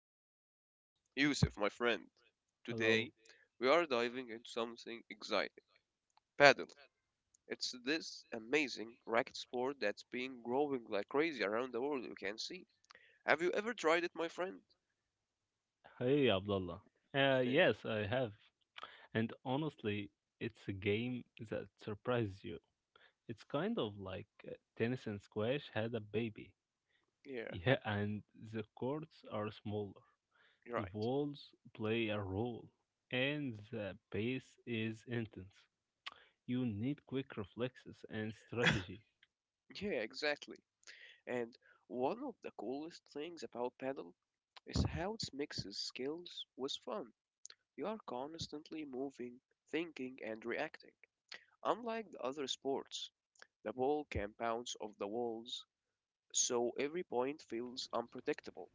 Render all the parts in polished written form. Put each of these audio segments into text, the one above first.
another episode. Yusuf, my friend, Hello. today we are diving into something exciting paddle. It's this amazing racket sport that's been growing like crazy around the world, you can see. Have you ever tried it, my friend? Hey, Abdullah. Uh, Eh, yes, I have. And honestly, it's a game that surprises you. It's kind of like tennis and squash had a baby. yeah, Yeah, and the courts are smaller. you're The right. walls play a role. And the pace is intense. You need quick reflexes and strategy. Yeah, exactly. And one of the coolest things about paddle is how it mixes skills with fun. You are constantly moving, thinking, and reacting. Unlike the other sports, the ball can bounce off the walls, so every point feels unpredictable.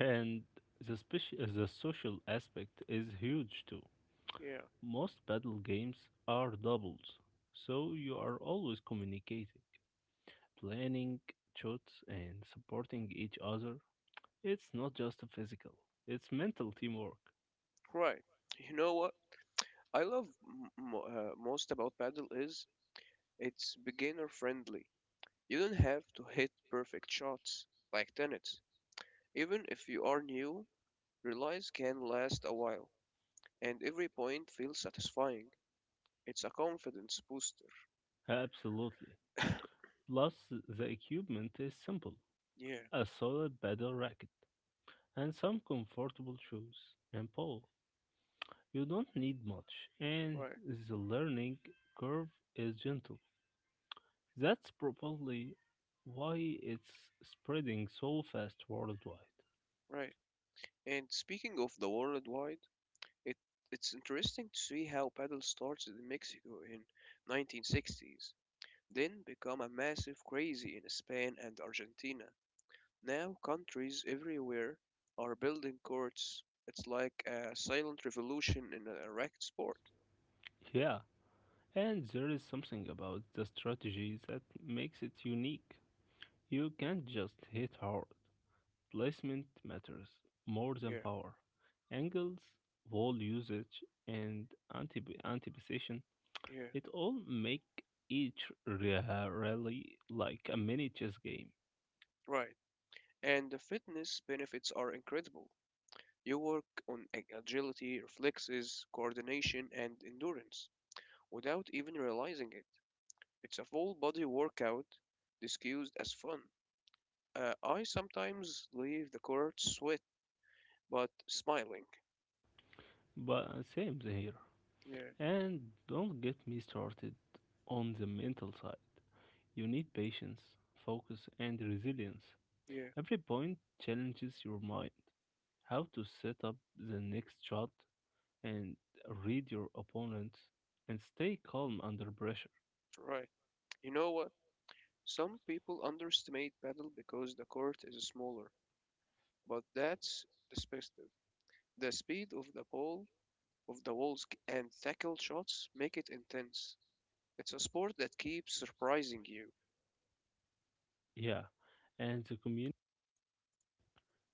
And the social aspect is huge too. Yeah, Most battle games are doubles, so you are always communicating, planning shots, and supporting each other. It's not just a physical, it's mental teamwork. right. You know what I love most about paddle is it's beginner friendly. You don't have to hit perfect shots like tennis. Even if you are new, relays can last a while, and every point feels satisfying. It's a confidence booster. Absolutely. Plus, the equipment is simple, Yeah, a solid battle racket and some comfortable shoes and pole. You don't need much, and right, the learning curve is gentle. That's probably why it's spreading so fast worldwide. right. And speaking of the worldwide It, it's interesting to see how paddle started in Mexico in 1960s, then become a massive craze in Spain and Argentina. Now countries everywhere are building courts. It's like a silent revolution in a racket sport. Yeah, and there is something about the strategy that makes it unique. You can't just hit hard. Placement matters more than Yeah, power. Angles, wall usage, and anticipation, yeah, it all make each rally like a mini chess game. right. And the fitness benefits are incredible. You work on agility, reflexes, coordination, and endurance without even realizing it. It's a full body workout disguised as fun. I sometimes leave the court sweat, but smiling. But same here. Yeah, And don't get me started on the mental side. You need patience, focus, and resilience. yeah, Every point challenges your mind. How to set up the next shot and read your opponent and stay calm under pressure. right. You know what? Some people underestimate paddle because the court is smaller, but that's perspective. The speed of the ball, of the walls, and tackle shots make it intense. It's a sport that keeps surprising you. Yeah, and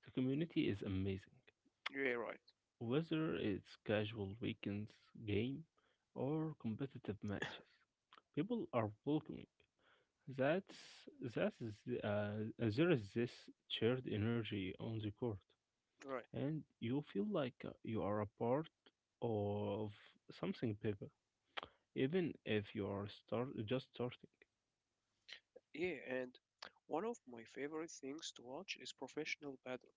the community is amazing. Yeah, Whether it's casual weekends game or competitive matches, people are welcoming. That's that is there is this shared energy on the court. right. And you feel like you are a part of something bigger, even if you are start just starting. Yeah, and one of my favorite things to watch is professional paddle.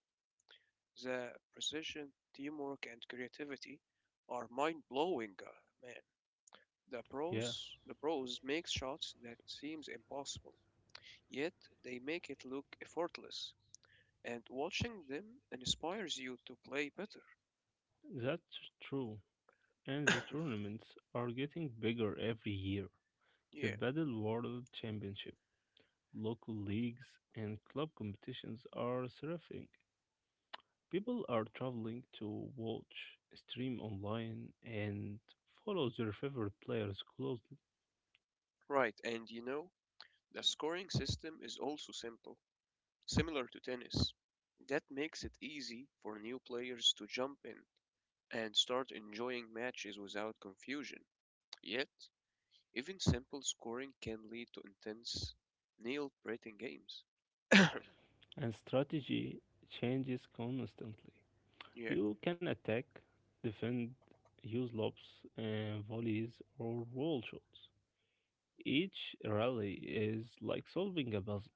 The precision, teamwork, and creativity are mind-blowing, man. Yeah, The pros make shots that seems impossible, yet they make it look effortless, and watching them inspires you to play better. that's true. And the tournaments are getting bigger every year. The Yeah, Battle World Championship, local leagues, and club competitions are thriving. People are traveling to watch, stream online, and follow their favorite players closely. right. And you know, the scoring system is also simple, similar to tennis. That makes it easy for new players to jump in and start enjoying matches without confusion. Yet, even simple scoring can lead to intense, nail-biting games. yeah, And strategy changes constantly. You can attack, defend, use lobs and volleys or wall shots. Each rally is like solving a puzzle.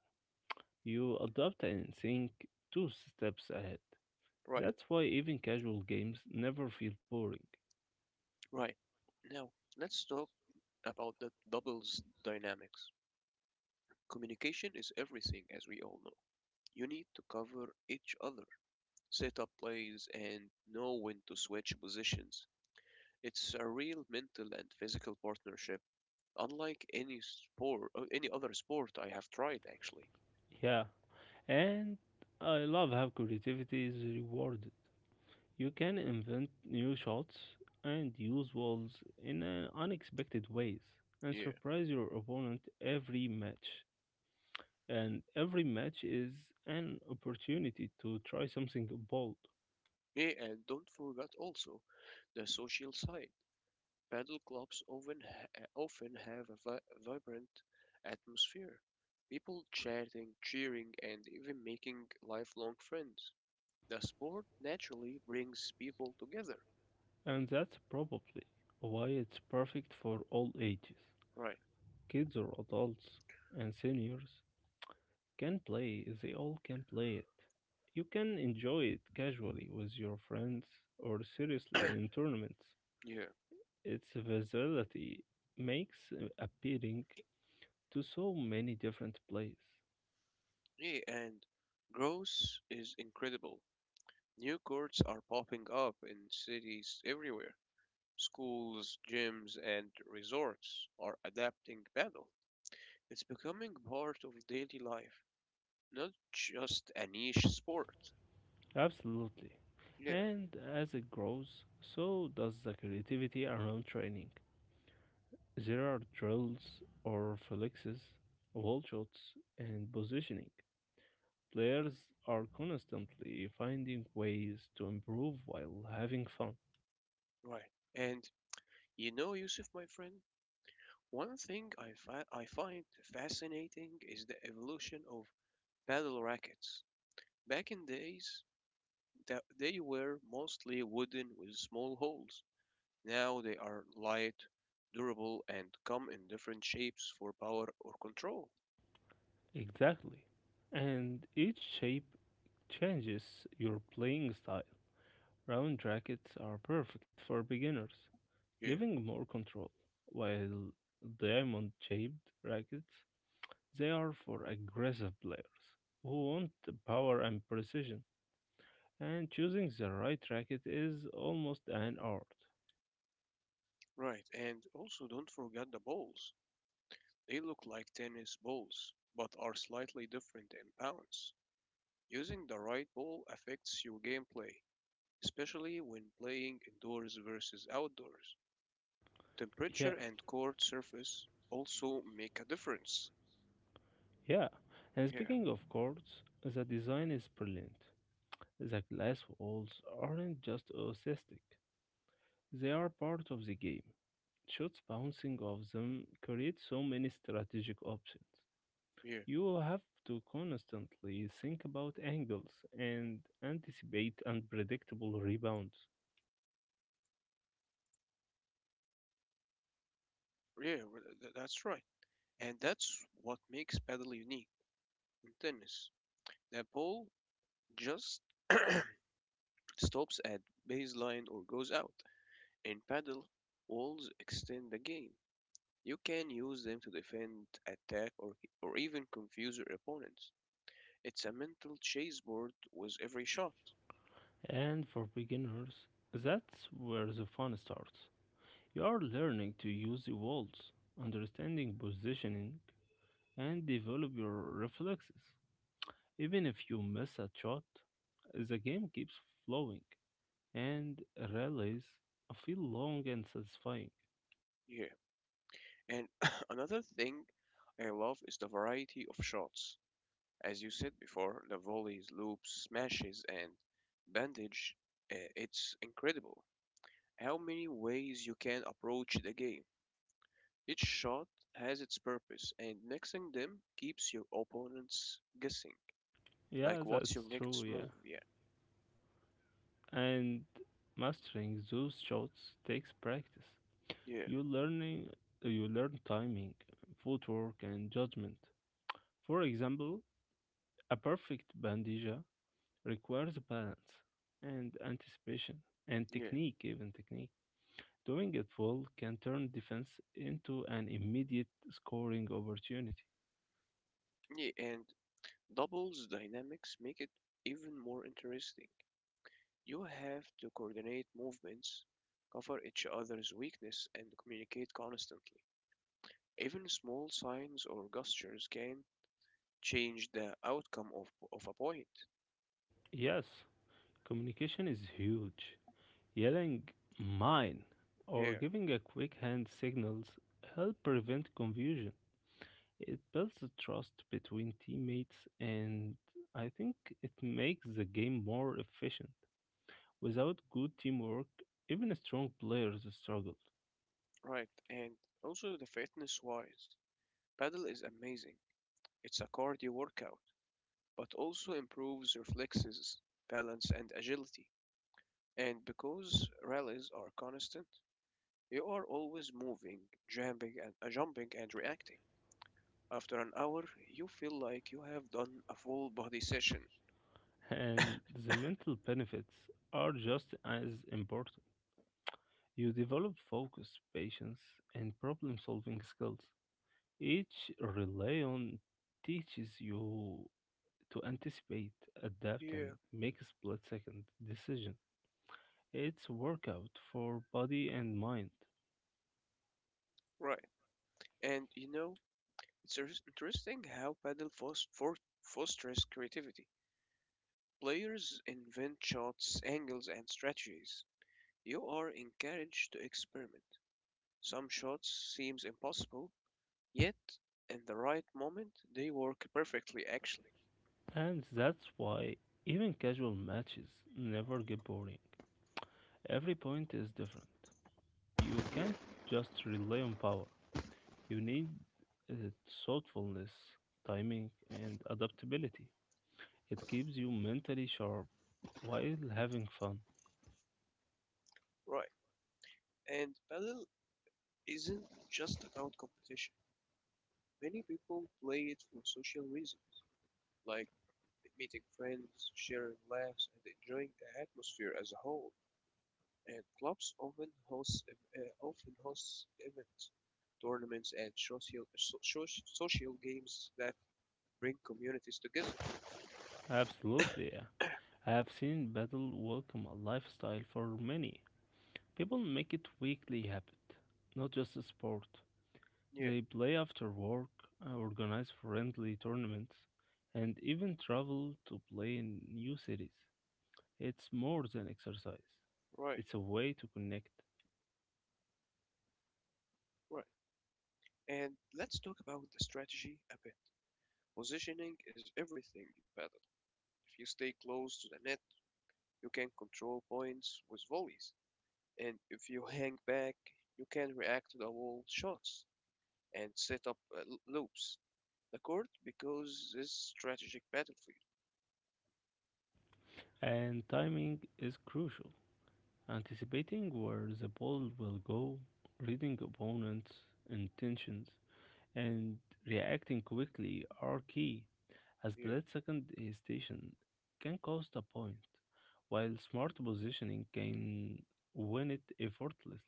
You adapt and think two steps ahead. right, That's why even casual games never feel boring. right. Now, let's talk about the doubles dynamics. Communication is everything, as we all know. You need to cover each other, set up plays, and know when to switch positions. It's a real mental and physical partnership, unlike any sport, any other sport I have tried actually. Yeah, and I love how creativity is rewarded. You can invent new shots and use walls in unexpected ways and Yeah. surprise your opponent every match. And every match is an opportunity to try something bold. Yeah, and don't forget also the social side. Paddle clubs often have a vibrant atmosphere, people chatting, cheering, and even making lifelong friends. The sport naturally brings people together. And that's probably why it's perfect for all ages. Right. Kids or adults and seniors they all can play it. You can enjoy it casually with your friends or seriously in tournaments. Yeah. Its versatility makes appealing to so many different players. Yeah, and growth is incredible. New courts are popping up in cities everywhere. Schools, gyms, and resorts are adapting paddle. It's becoming part of daily life, not just a niche sport. Absolutely. Yeah. And as it grows, so does the creativity around training. There are drills or flexes, wall shots, and positioning. Players are constantly finding ways to improve while having fun. Right. And you know, Yusuf, my friend, one thing I find fascinating is the evolution of paddle rackets. Back in days, that they were mostly wooden with small holes. Now they are light, durable, and come in different shapes for power or control. Exactly. And each shape changes your playing style. Round rackets are perfect for beginners, Yeah, giving more control, while diamond shaped rackets, they are for aggressive players who want the power and precision, and choosing the right racket is almost an art. right. And also, don't forget the balls. They look like tennis balls, but are slightly different in pounds. Using the right ball affects your gameplay especially when playing indoors versus outdoors. Yeah, Temperature and court surface also make a difference. yeah. And Yeah, speaking of courts, the design is brilliant. The glass walls aren't just aesthetic, they are part of the game. Shots bouncing off them create so many strategic options. yeah, You will have to constantly think about angles and anticipate unpredictable rebounds. well, that's right. And that's what makes paddle unique in tennis. The ball just stops at baseline or goes out. In paddle, walls extend the game. You can use them to defend, attack, or even confuse your opponents. It's a mental chessboard with every shot. And for beginners, that's where the fun starts. You are learning to use the walls, understanding positioning, and develop your reflexes. Even if you miss a shot, the game keeps flowing, and rallies feel long and satisfying. Yeah. And another thing I love is the variety of shots. As you said before, the volleys, loops, smashes, and bandage, it's incredible how many ways you can approach the game. Each shot has its purpose, and mixing them keeps your opponents guessing. Yeah, Like, what's your that's true, next yeah. move? Yeah, And mastering those shots takes practice. yeah, You learning you learn timing, footwork and judgment. For example, a perfect bandija requires balance and anticipation and yeah, technique, even technique. Doing it well can turn defense into an immediate scoring opportunity. yeah. And doubles dynamics make it even more interesting. You have to coordinate movements, cover each other's weakness, and communicate constantly. Even small signs or gestures can change the outcome of a point. Yes, communication is huge. Yelling mine or Yeah, giving a quick hand signals help prevent confusion. It builds the trust between teammates and I think it makes the game more efficient. Without good teamwork, even strong players struggle, right. And also the fitness wise, paddle is amazing. It's a cardio workout, but also improves reflexes, balance, and agility. And because rallies are constant, you are always moving, jumping, and jumping and reacting. After an hour, you feel like you have done a full body session. and the mental benefits are just as important. You develop focus, patience, and problem solving skills. Each relay teaches you to anticipate, adapt, Yeah, and make split second decision. It's workout for body and mind. right. And you know, it's interesting how Paddle fosters creativity. Players invent shots, angles, and strategies. You are encouraged to experiment. Some shots seems impossible, yet in the right moment they work perfectly actually. And that's why even casual matches never get boring. Every point is different. You can't Yeah, just rely on power. You need uh, thoughtfulness, timing, and adaptability. It keeps you mentally sharp while having fun. right. And paddle isn't just about competition. Many people play it for social reasons, like meeting friends, sharing laughs, and enjoying the atmosphere as a whole. And clubs often hosts events, tournaments, and social social games that bring communities together. Absolutely, yeah. I have seen battle welcome a lifestyle for many. People make it weekly habit, not just a sport. Yeah, They play after work, organize friendly tournaments, and even travel to play in new cities. It's more than exercise, right, it's a way to connect. right. And let's talk about the strategy a bit. Positioning is everything in paddle. If you stay close to the net, you can control points with volleys. And if you hang back, you can react to the wall shots and set up loops. The court because this strategic battlefield. And timing is crucial. Anticipating where the ball will go, reading opponents' intentions, and reacting quickly are key, as Yeah, split second hesitation can cost a point, while smart positioning can win it effortlessly.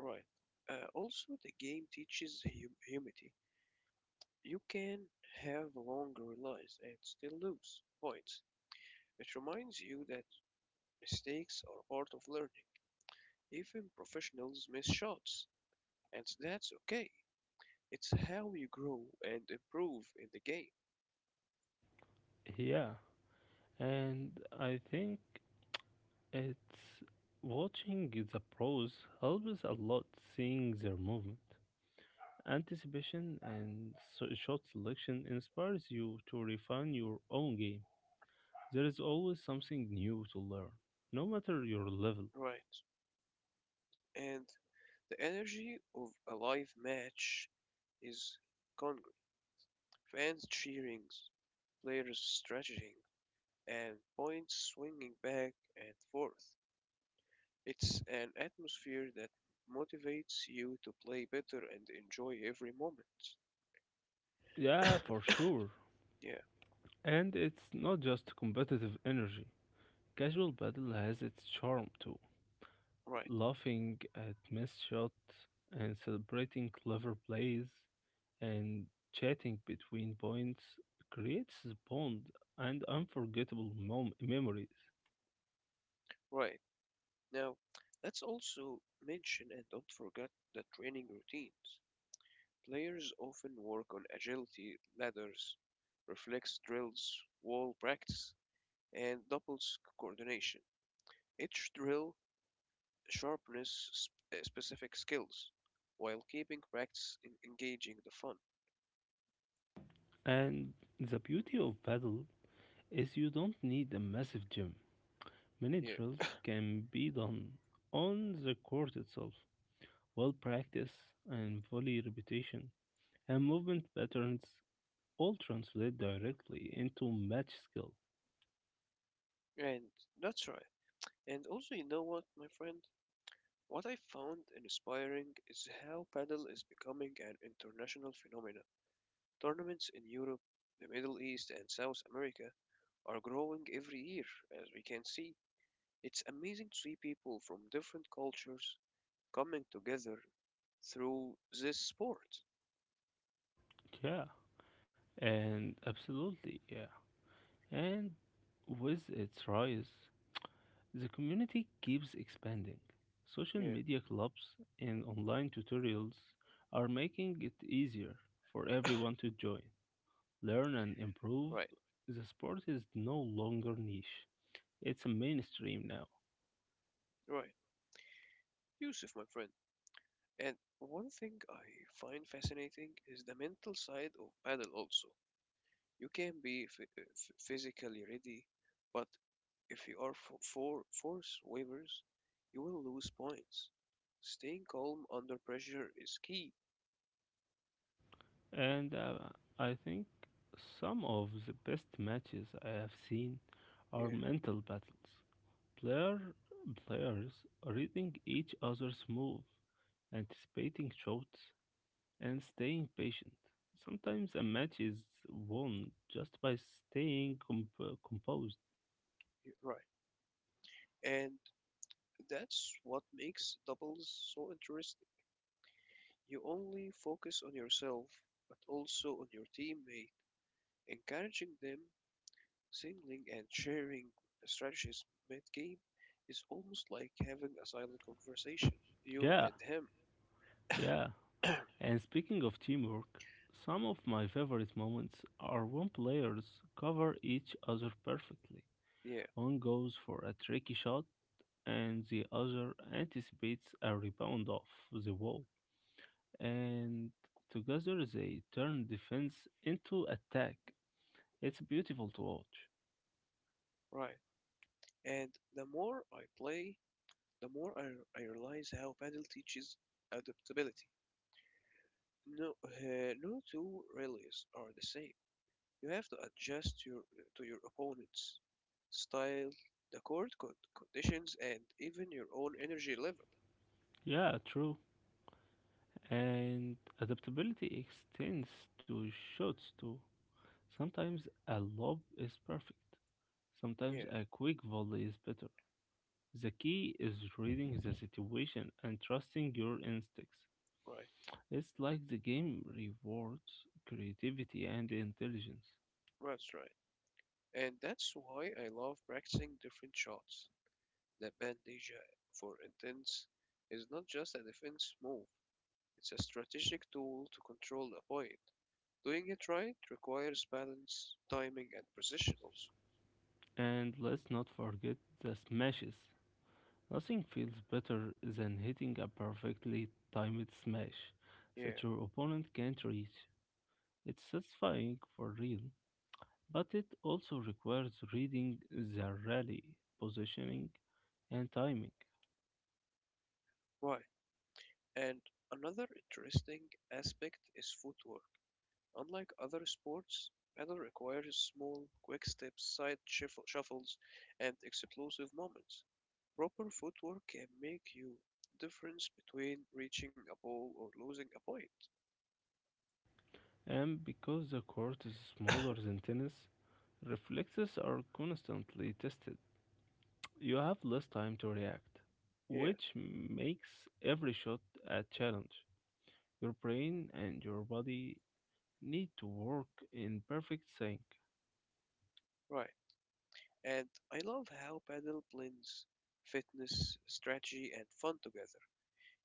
right. Also, the game teaches humility. You can have long relays and still lose points. It reminds you that mistakes are part of learning. Even professionals miss shots, and that's okay. It's how you grow and improve in the game. Yeah, and I think it's watching the pros helps a lot seeing their movement. Anticipation and shot selection inspires you to refine your own game. There is always something new to learn, no matter your level. Right. And the energy of a live match is congruent. Fans cheering, players strategizing, and points swinging back and forth. It's an atmosphere that motivates you to play better and enjoy every moment. Yeah, for sure. Yeah, And it's not just competitive energy. Casual battle has its charm too. right, Laughing at missed shots and celebrating clever plays and chatting between points creates a bond and unforgettable memories. right. Now, let's also mention and don't forget the training routines. Players often work on agility, ladders, reflex drills, wall practice, and doubles coordination. Each drill sharpens specific skills while keeping practice in engaging the fun. And the beauty of paddle is you don't need a massive gym. Many Yeah, drills can be done on the court itself. Well practice and volley repetition and movement patterns all translate directly into match skill. and that's right. And also, you know what, my friend? What I found inspiring is how paddle is becoming an international phenomenon. Tournaments in Europe, the Middle East, and South America are growing every year, as we can see. It's amazing to see people from different cultures coming together through this sport. Yeah. And absolutely, yeah. And with its rise, the community keeps expanding. Social Yeah, media clubs and online tutorials are making it easier for everyone to join, learn, and improve. right, The sport is no longer niche, it's a mainstream now. right. Yusuf, my friend. And one thing I find fascinating is the mental side of paddle also. You can be physically ready, but if you are for force waivers, you will lose points. Staying calm under pressure is key. And I think some of the best matches I have seen are Yeah, mental battles. Player, players reading each other's move, anticipating shots, and staying patient. Sometimes a match is won just by staying composed. you're right. And that's what makes doubles so interesting. You only focus on yourself, but also on your teammate, encouraging them, singling, and sharing strategies mid game is almost like having a silent conversation, you Yeah, and him. yeah. And speaking of teamwork, some of my favorite moments are when players cover each other perfectly. Yeah, One goes for a tricky shot, and the other anticipates a rebound off the wall. And together they turn defense into attack. It's beautiful to watch. right. And the more I play, the more I realize how Paddle teaches adaptability. No two rallies are the same. You have to adjust to your opponent's style, the court conditions, and even your own energy level. Yeah, true. And adaptability extends to shots too. Sometimes a lob is perfect, Yeah, sometimes a quick volley is better. The key is reading the situation and trusting your instincts. right. It's like the game rewards creativity and intelligence. That's right. And that's why I love practicing different shots. The bandage for intense is not just a defense move, it's a strategic tool to control the point. Doing it right requires balance, timing, and precision also. And let's not forget the smashes. Nothing feels better than hitting a perfectly timed smash Yeah, that your opponent can't reach. It's satisfying for real, but it also requires reading the rally, positioning, and timing. right. And another interesting aspect is footwork. Unlike other sports, paddle requires small, quick steps, side shuffles, and explosive moments. Proper footwork can make you difference between reaching a ball or losing a point. And because the court is smaller than tennis, reflexes are constantly tested. You have less time to react, Yeah, which makes every shot a challenge. Your brain and your body need to work in perfect sync, right. And I love how paddle blends fitness, strategy, and fun together.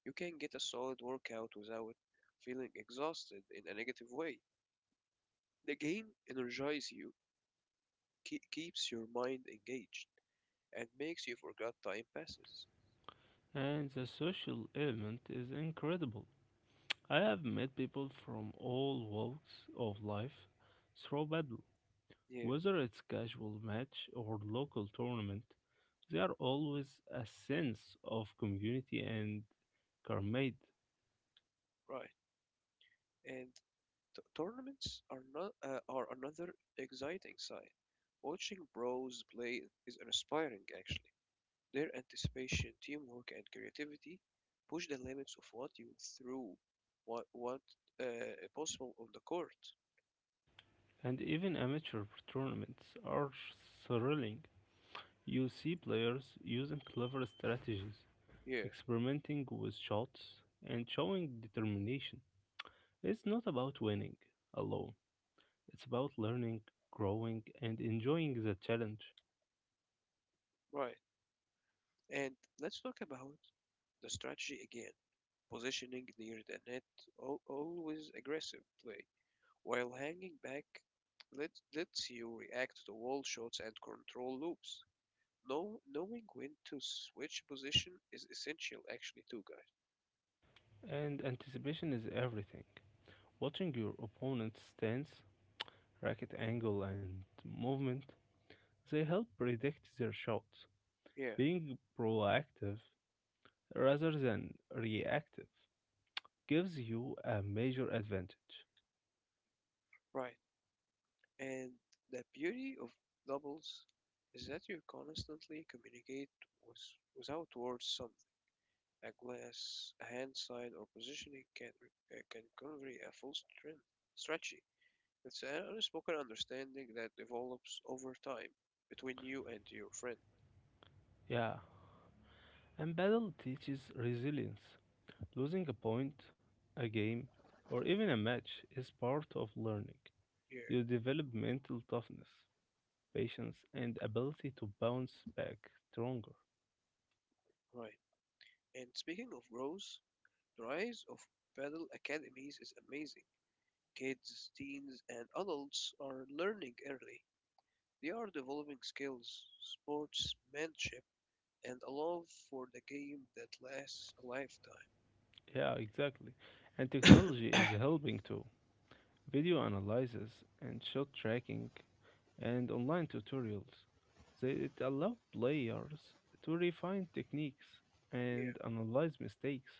You can get a solid workout without feeling exhausted in a negative way. The game energizes you, keeps your mind engaged, and makes you forget time passes. and the social element is incredible. I have met people from all walks of life through battle, Yeah, whether it's casual match or local tournament. There always a sense of community and camaraderie. right. And tournaments are not are another exciting side. Watching bros play is inspiring, actually. Their anticipation, teamwork, and creativity push the limits of what you threw, what possible on the court. And even amateur tournaments are thrilling. You see players using clever strategies, Yeah, experimenting with shots, and showing determination. It's not about winning alone, it's about learning, growing, and enjoying the challenge. right. And let's talk about the strategy again. Positioning near the net, always aggressive play. While hanging back, lets you react to wall shots and control loops. Knowing when to switch position is essential, actually, too, guys. And anticipation is everything. Watching your opponent's stance, racket angle, and movement, they help predict their shots. Yeah, Being proactive rather than reactive gives you a major advantage. right. And the beauty of doubles is that you constantly communicate with, without words. Some A glass hand sign or positioning can convey a full strength strategy. It's an unspoken understanding that develops over time between you and your friend. Yeah, and battle teaches resilience. Losing a point, a game, or even a match is part of learning. Yeah, You develop mental toughness, patience, and ability to bounce back stronger. right. And speaking of growth, the rise of paddle academies is amazing. Kids, teens, and adults are learning early. They are developing skills, sportsmanship, and a love for the game that lasts a lifetime. Yeah, exactly. And technology is helping too. Video analysis, and shot tracking, and online tutorials. They, it allowed players to refine techniques Yeah. and analyze mistakes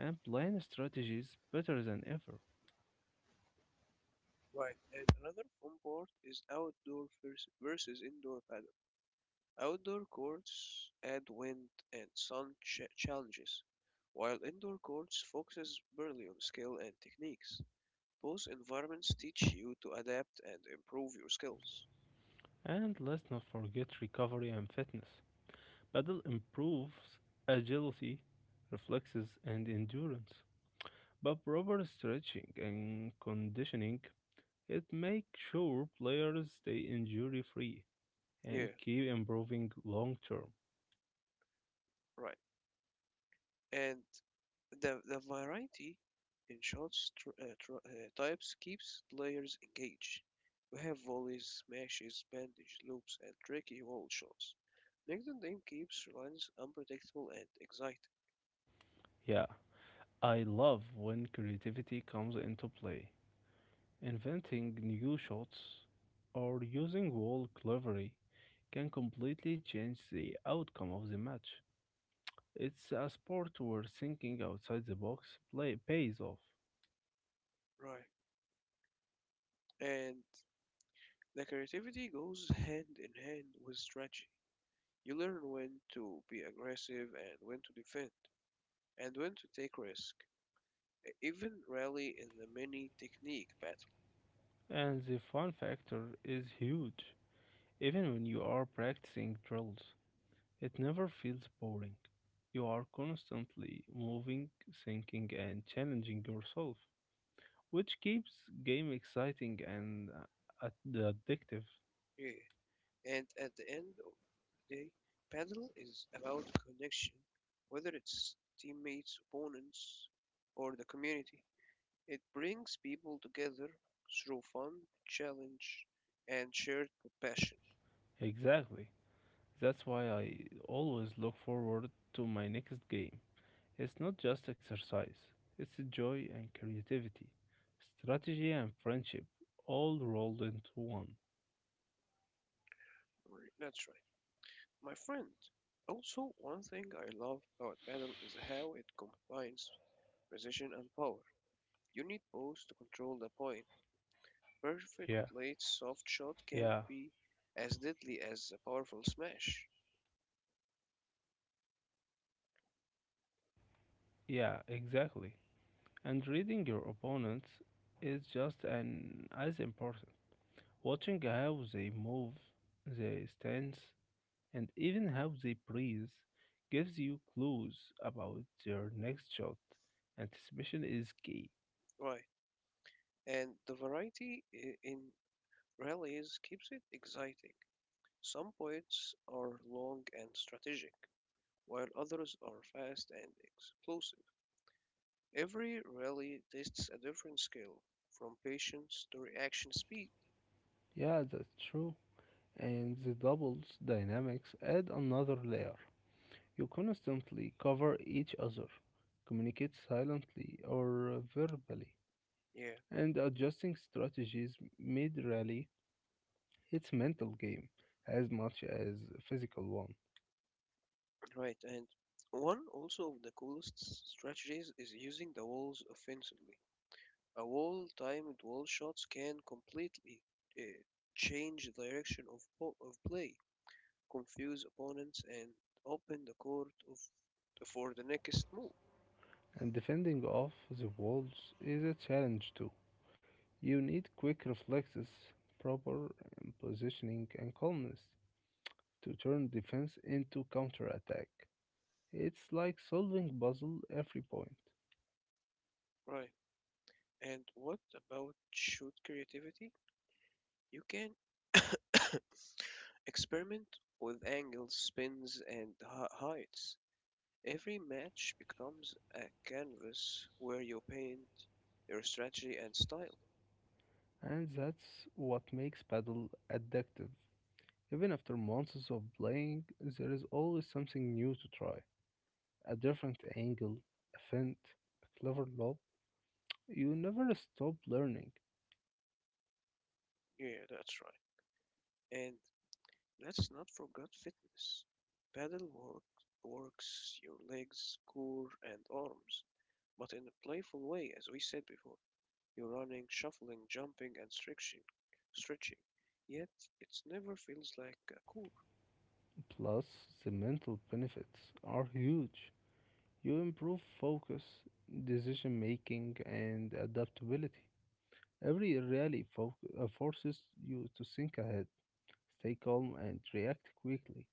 and plan strategies better than ever. Right, and another fun part is outdoor versus indoor paddle. Outdoor courts add wind and sun challenges, while indoor courts focuses purely on skill and techniques. Both environments teach you to adapt and improve your skills. And let's not forget recovery and fitness. Paddle improves agility, reflexes, and endurance. But proper stretching and conditioning it makes sure players stay injury free and Yeah, keep improving long term. right. And the variety in shots types keeps players engaged. We have volleys, smashes, bandage loops, and tricky wall shots. Make the game keeps runs unpredictable and exciting. Yeah, I love when creativity comes into play. Inventing new shots or using wall clevery can completely change the outcome of the match. It's a sport where thinking outside the box play pays off, Right. And the creativity goes hand in hand with strategy. You learn when to be aggressive and when to defend, and when to take risk. Even rally in the mini technique battle. and the fun factor is huge, even when you are practicing drills. It never feels boring. You are constantly moving, thinking, and challenging yourself, which keeps game exciting and addictive. Yeah. And at the end today, Padel is about connection, whether it's teammates, opponents, or the community. It brings people together through fun, challenge, and shared passion. Exactly. That's why I always look forward to my next game. It's not just exercise, it's joy and creativity, strategy and friendship, all rolled into one. Right. That's right, my friend. Also, one thing I love about paddle is how it combines precision and power. You need both to control the point. Perfect Yeah, late soft shot can yeah, be as deadly as a powerful smash. yeah, exactly. And reading your opponents is just an, as important. Watching how they move, their stance, and even how they breathe gives you clues about their next shot. Anticipation is key. Right. And the variety in rallies keeps it exciting. Some points are long and strategic, while others are fast and explosive. Every rally tests a different skill, from patience to reaction speed. Yeah, that's true. And the doubles dynamics add another layer. You constantly cover each other, communicate silently or verbally, Yeah, and adjusting strategies mid rally. It's a mental game as much as a physical one, right, and one also of the coolest strategies is using the walls offensively. A wall timed wall shots can completely uh, change the direction of play, confuse opponents, and open the court of for the next move. and defending off the walls is a challenge too. You need quick reflexes, proper positioning, and calmness to turn defense into counterattack. It's like solving puzzle every point, Right. And what about shoot creativity? You can experiment with angles, spins, and heights. Every match becomes a canvas where you paint your strategy and style. and that's what makes paddle addictive. Even after months of playing, there is always something new to try. A different angle, a feint, a clever lob, you never stop learning. Yeah, that's right. And let's not forget fitness. Paddle work, Works your legs, core, and arms, but in a playful way, as we said before. You're running, shuffling, jumping, and stretching. Yet it never feels like a chore. Plus, the mental benefits are huge. You improve focus, decision making, and adaptability. Every rally forces you to think ahead, stay calm, and react quickly.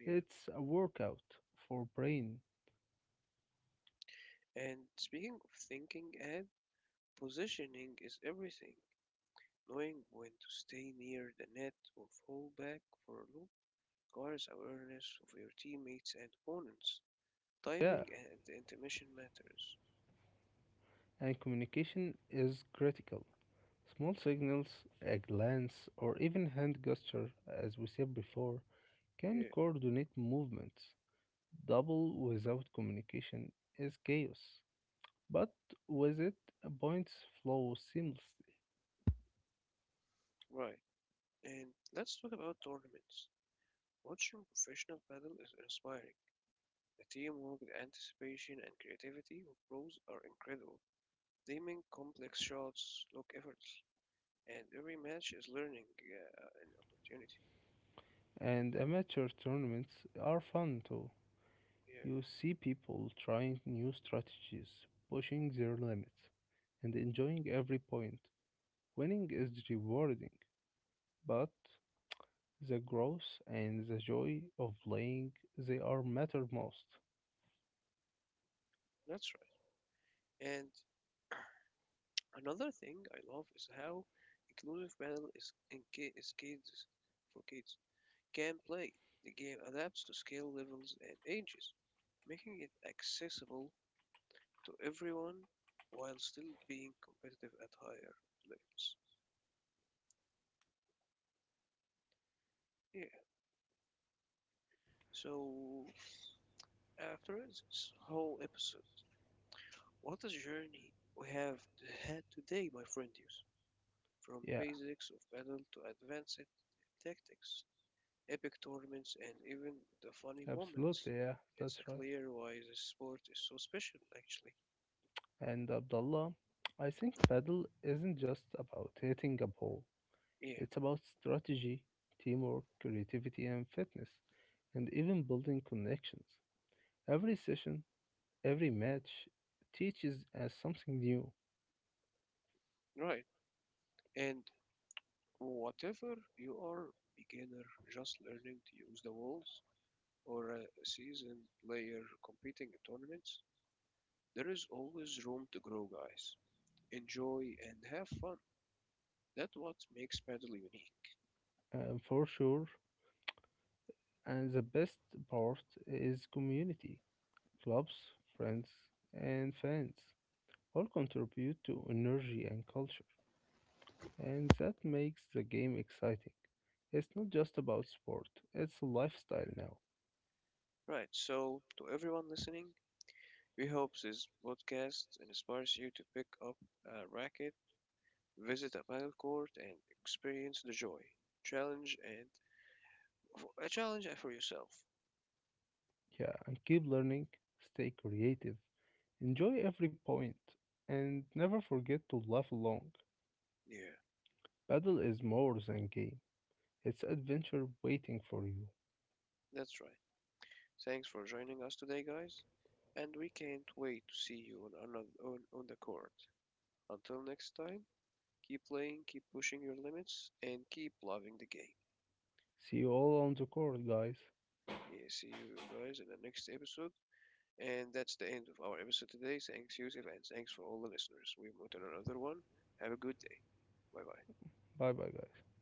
Yeah. It's a workout for brain. And speaking of thinking ahead, positioning is everything. Knowing when to stay near the net or fall back for a loop requires awareness of your teammates and opponents. Yeah, Timing and intermission matters. and communication is critical. Small signals, a glance, or even hand gesture, as we said before, can Yeah, coordinate movements. Double without communication is chaos, but with it, points flow seamlessly. right. And let's talk about tournaments. Watching professional paddle is inspiring. The teamwork, the anticipation, and creativity of pros are incredible. They make complex shots look effortless, and every match is learning an opportunity. And amateur tournaments are fun too. Yeah, You see people trying new strategies, pushing their limits, and enjoying every point. Winning is rewarding, but the growth and the joy of playing they are matter most. that's right. And another thing I love is how inclusive battle is is kids for kids can play. The game adapts to skill levels and ages, making it accessible to everyone while still being competitive at higher levels. Yeah. So after this whole episode, what a journey we have had today, my friendies. From Yeah, basics of battle to advanced tactics, epic tournaments, and even the funny moments. absolutely, yeah, that's It's a right. clear why this sport is so special, actually. And Abdullah, I think paddle isn't just about hitting a ball, Yeah, it's about strategy, teamwork, creativity, and fitness, and even building connections. Every session, every match teaches us something new, right. And whatever you are, beginner just learning to use the walls, or a seasoned player competing in tournaments, there is always room to grow, guys. Enjoy and have fun. That's what makes Paddle unique. For sure. And the best part is community, clubs, friends, and fans all contribute to energy and culture. And that makes the game exciting. It's not just about sport, it's a lifestyle now. Right, so to everyone listening, we hope this podcast inspires you to pick up a racket, visit a paddle court, and experience the joy, challenge, and a challenge for yourself. Yeah, and keep learning, stay creative, enjoy every point, and never forget to laugh along. Yeah, Paddle is more than game, it's adventure waiting for you. that's right. Thanks for joining us today, guys, and we can't wait to see you on on the court. Until next time, keep playing, keep pushing your limits, and keep loving the game. See you all on the court, guys. Yeah, see you guys in the next episode. And that's the end of our episode today. Thanks, Yusuf, and thanks for all the listeners. We've moved on another one. Have a good day. Bye bye. Bye bye, guys.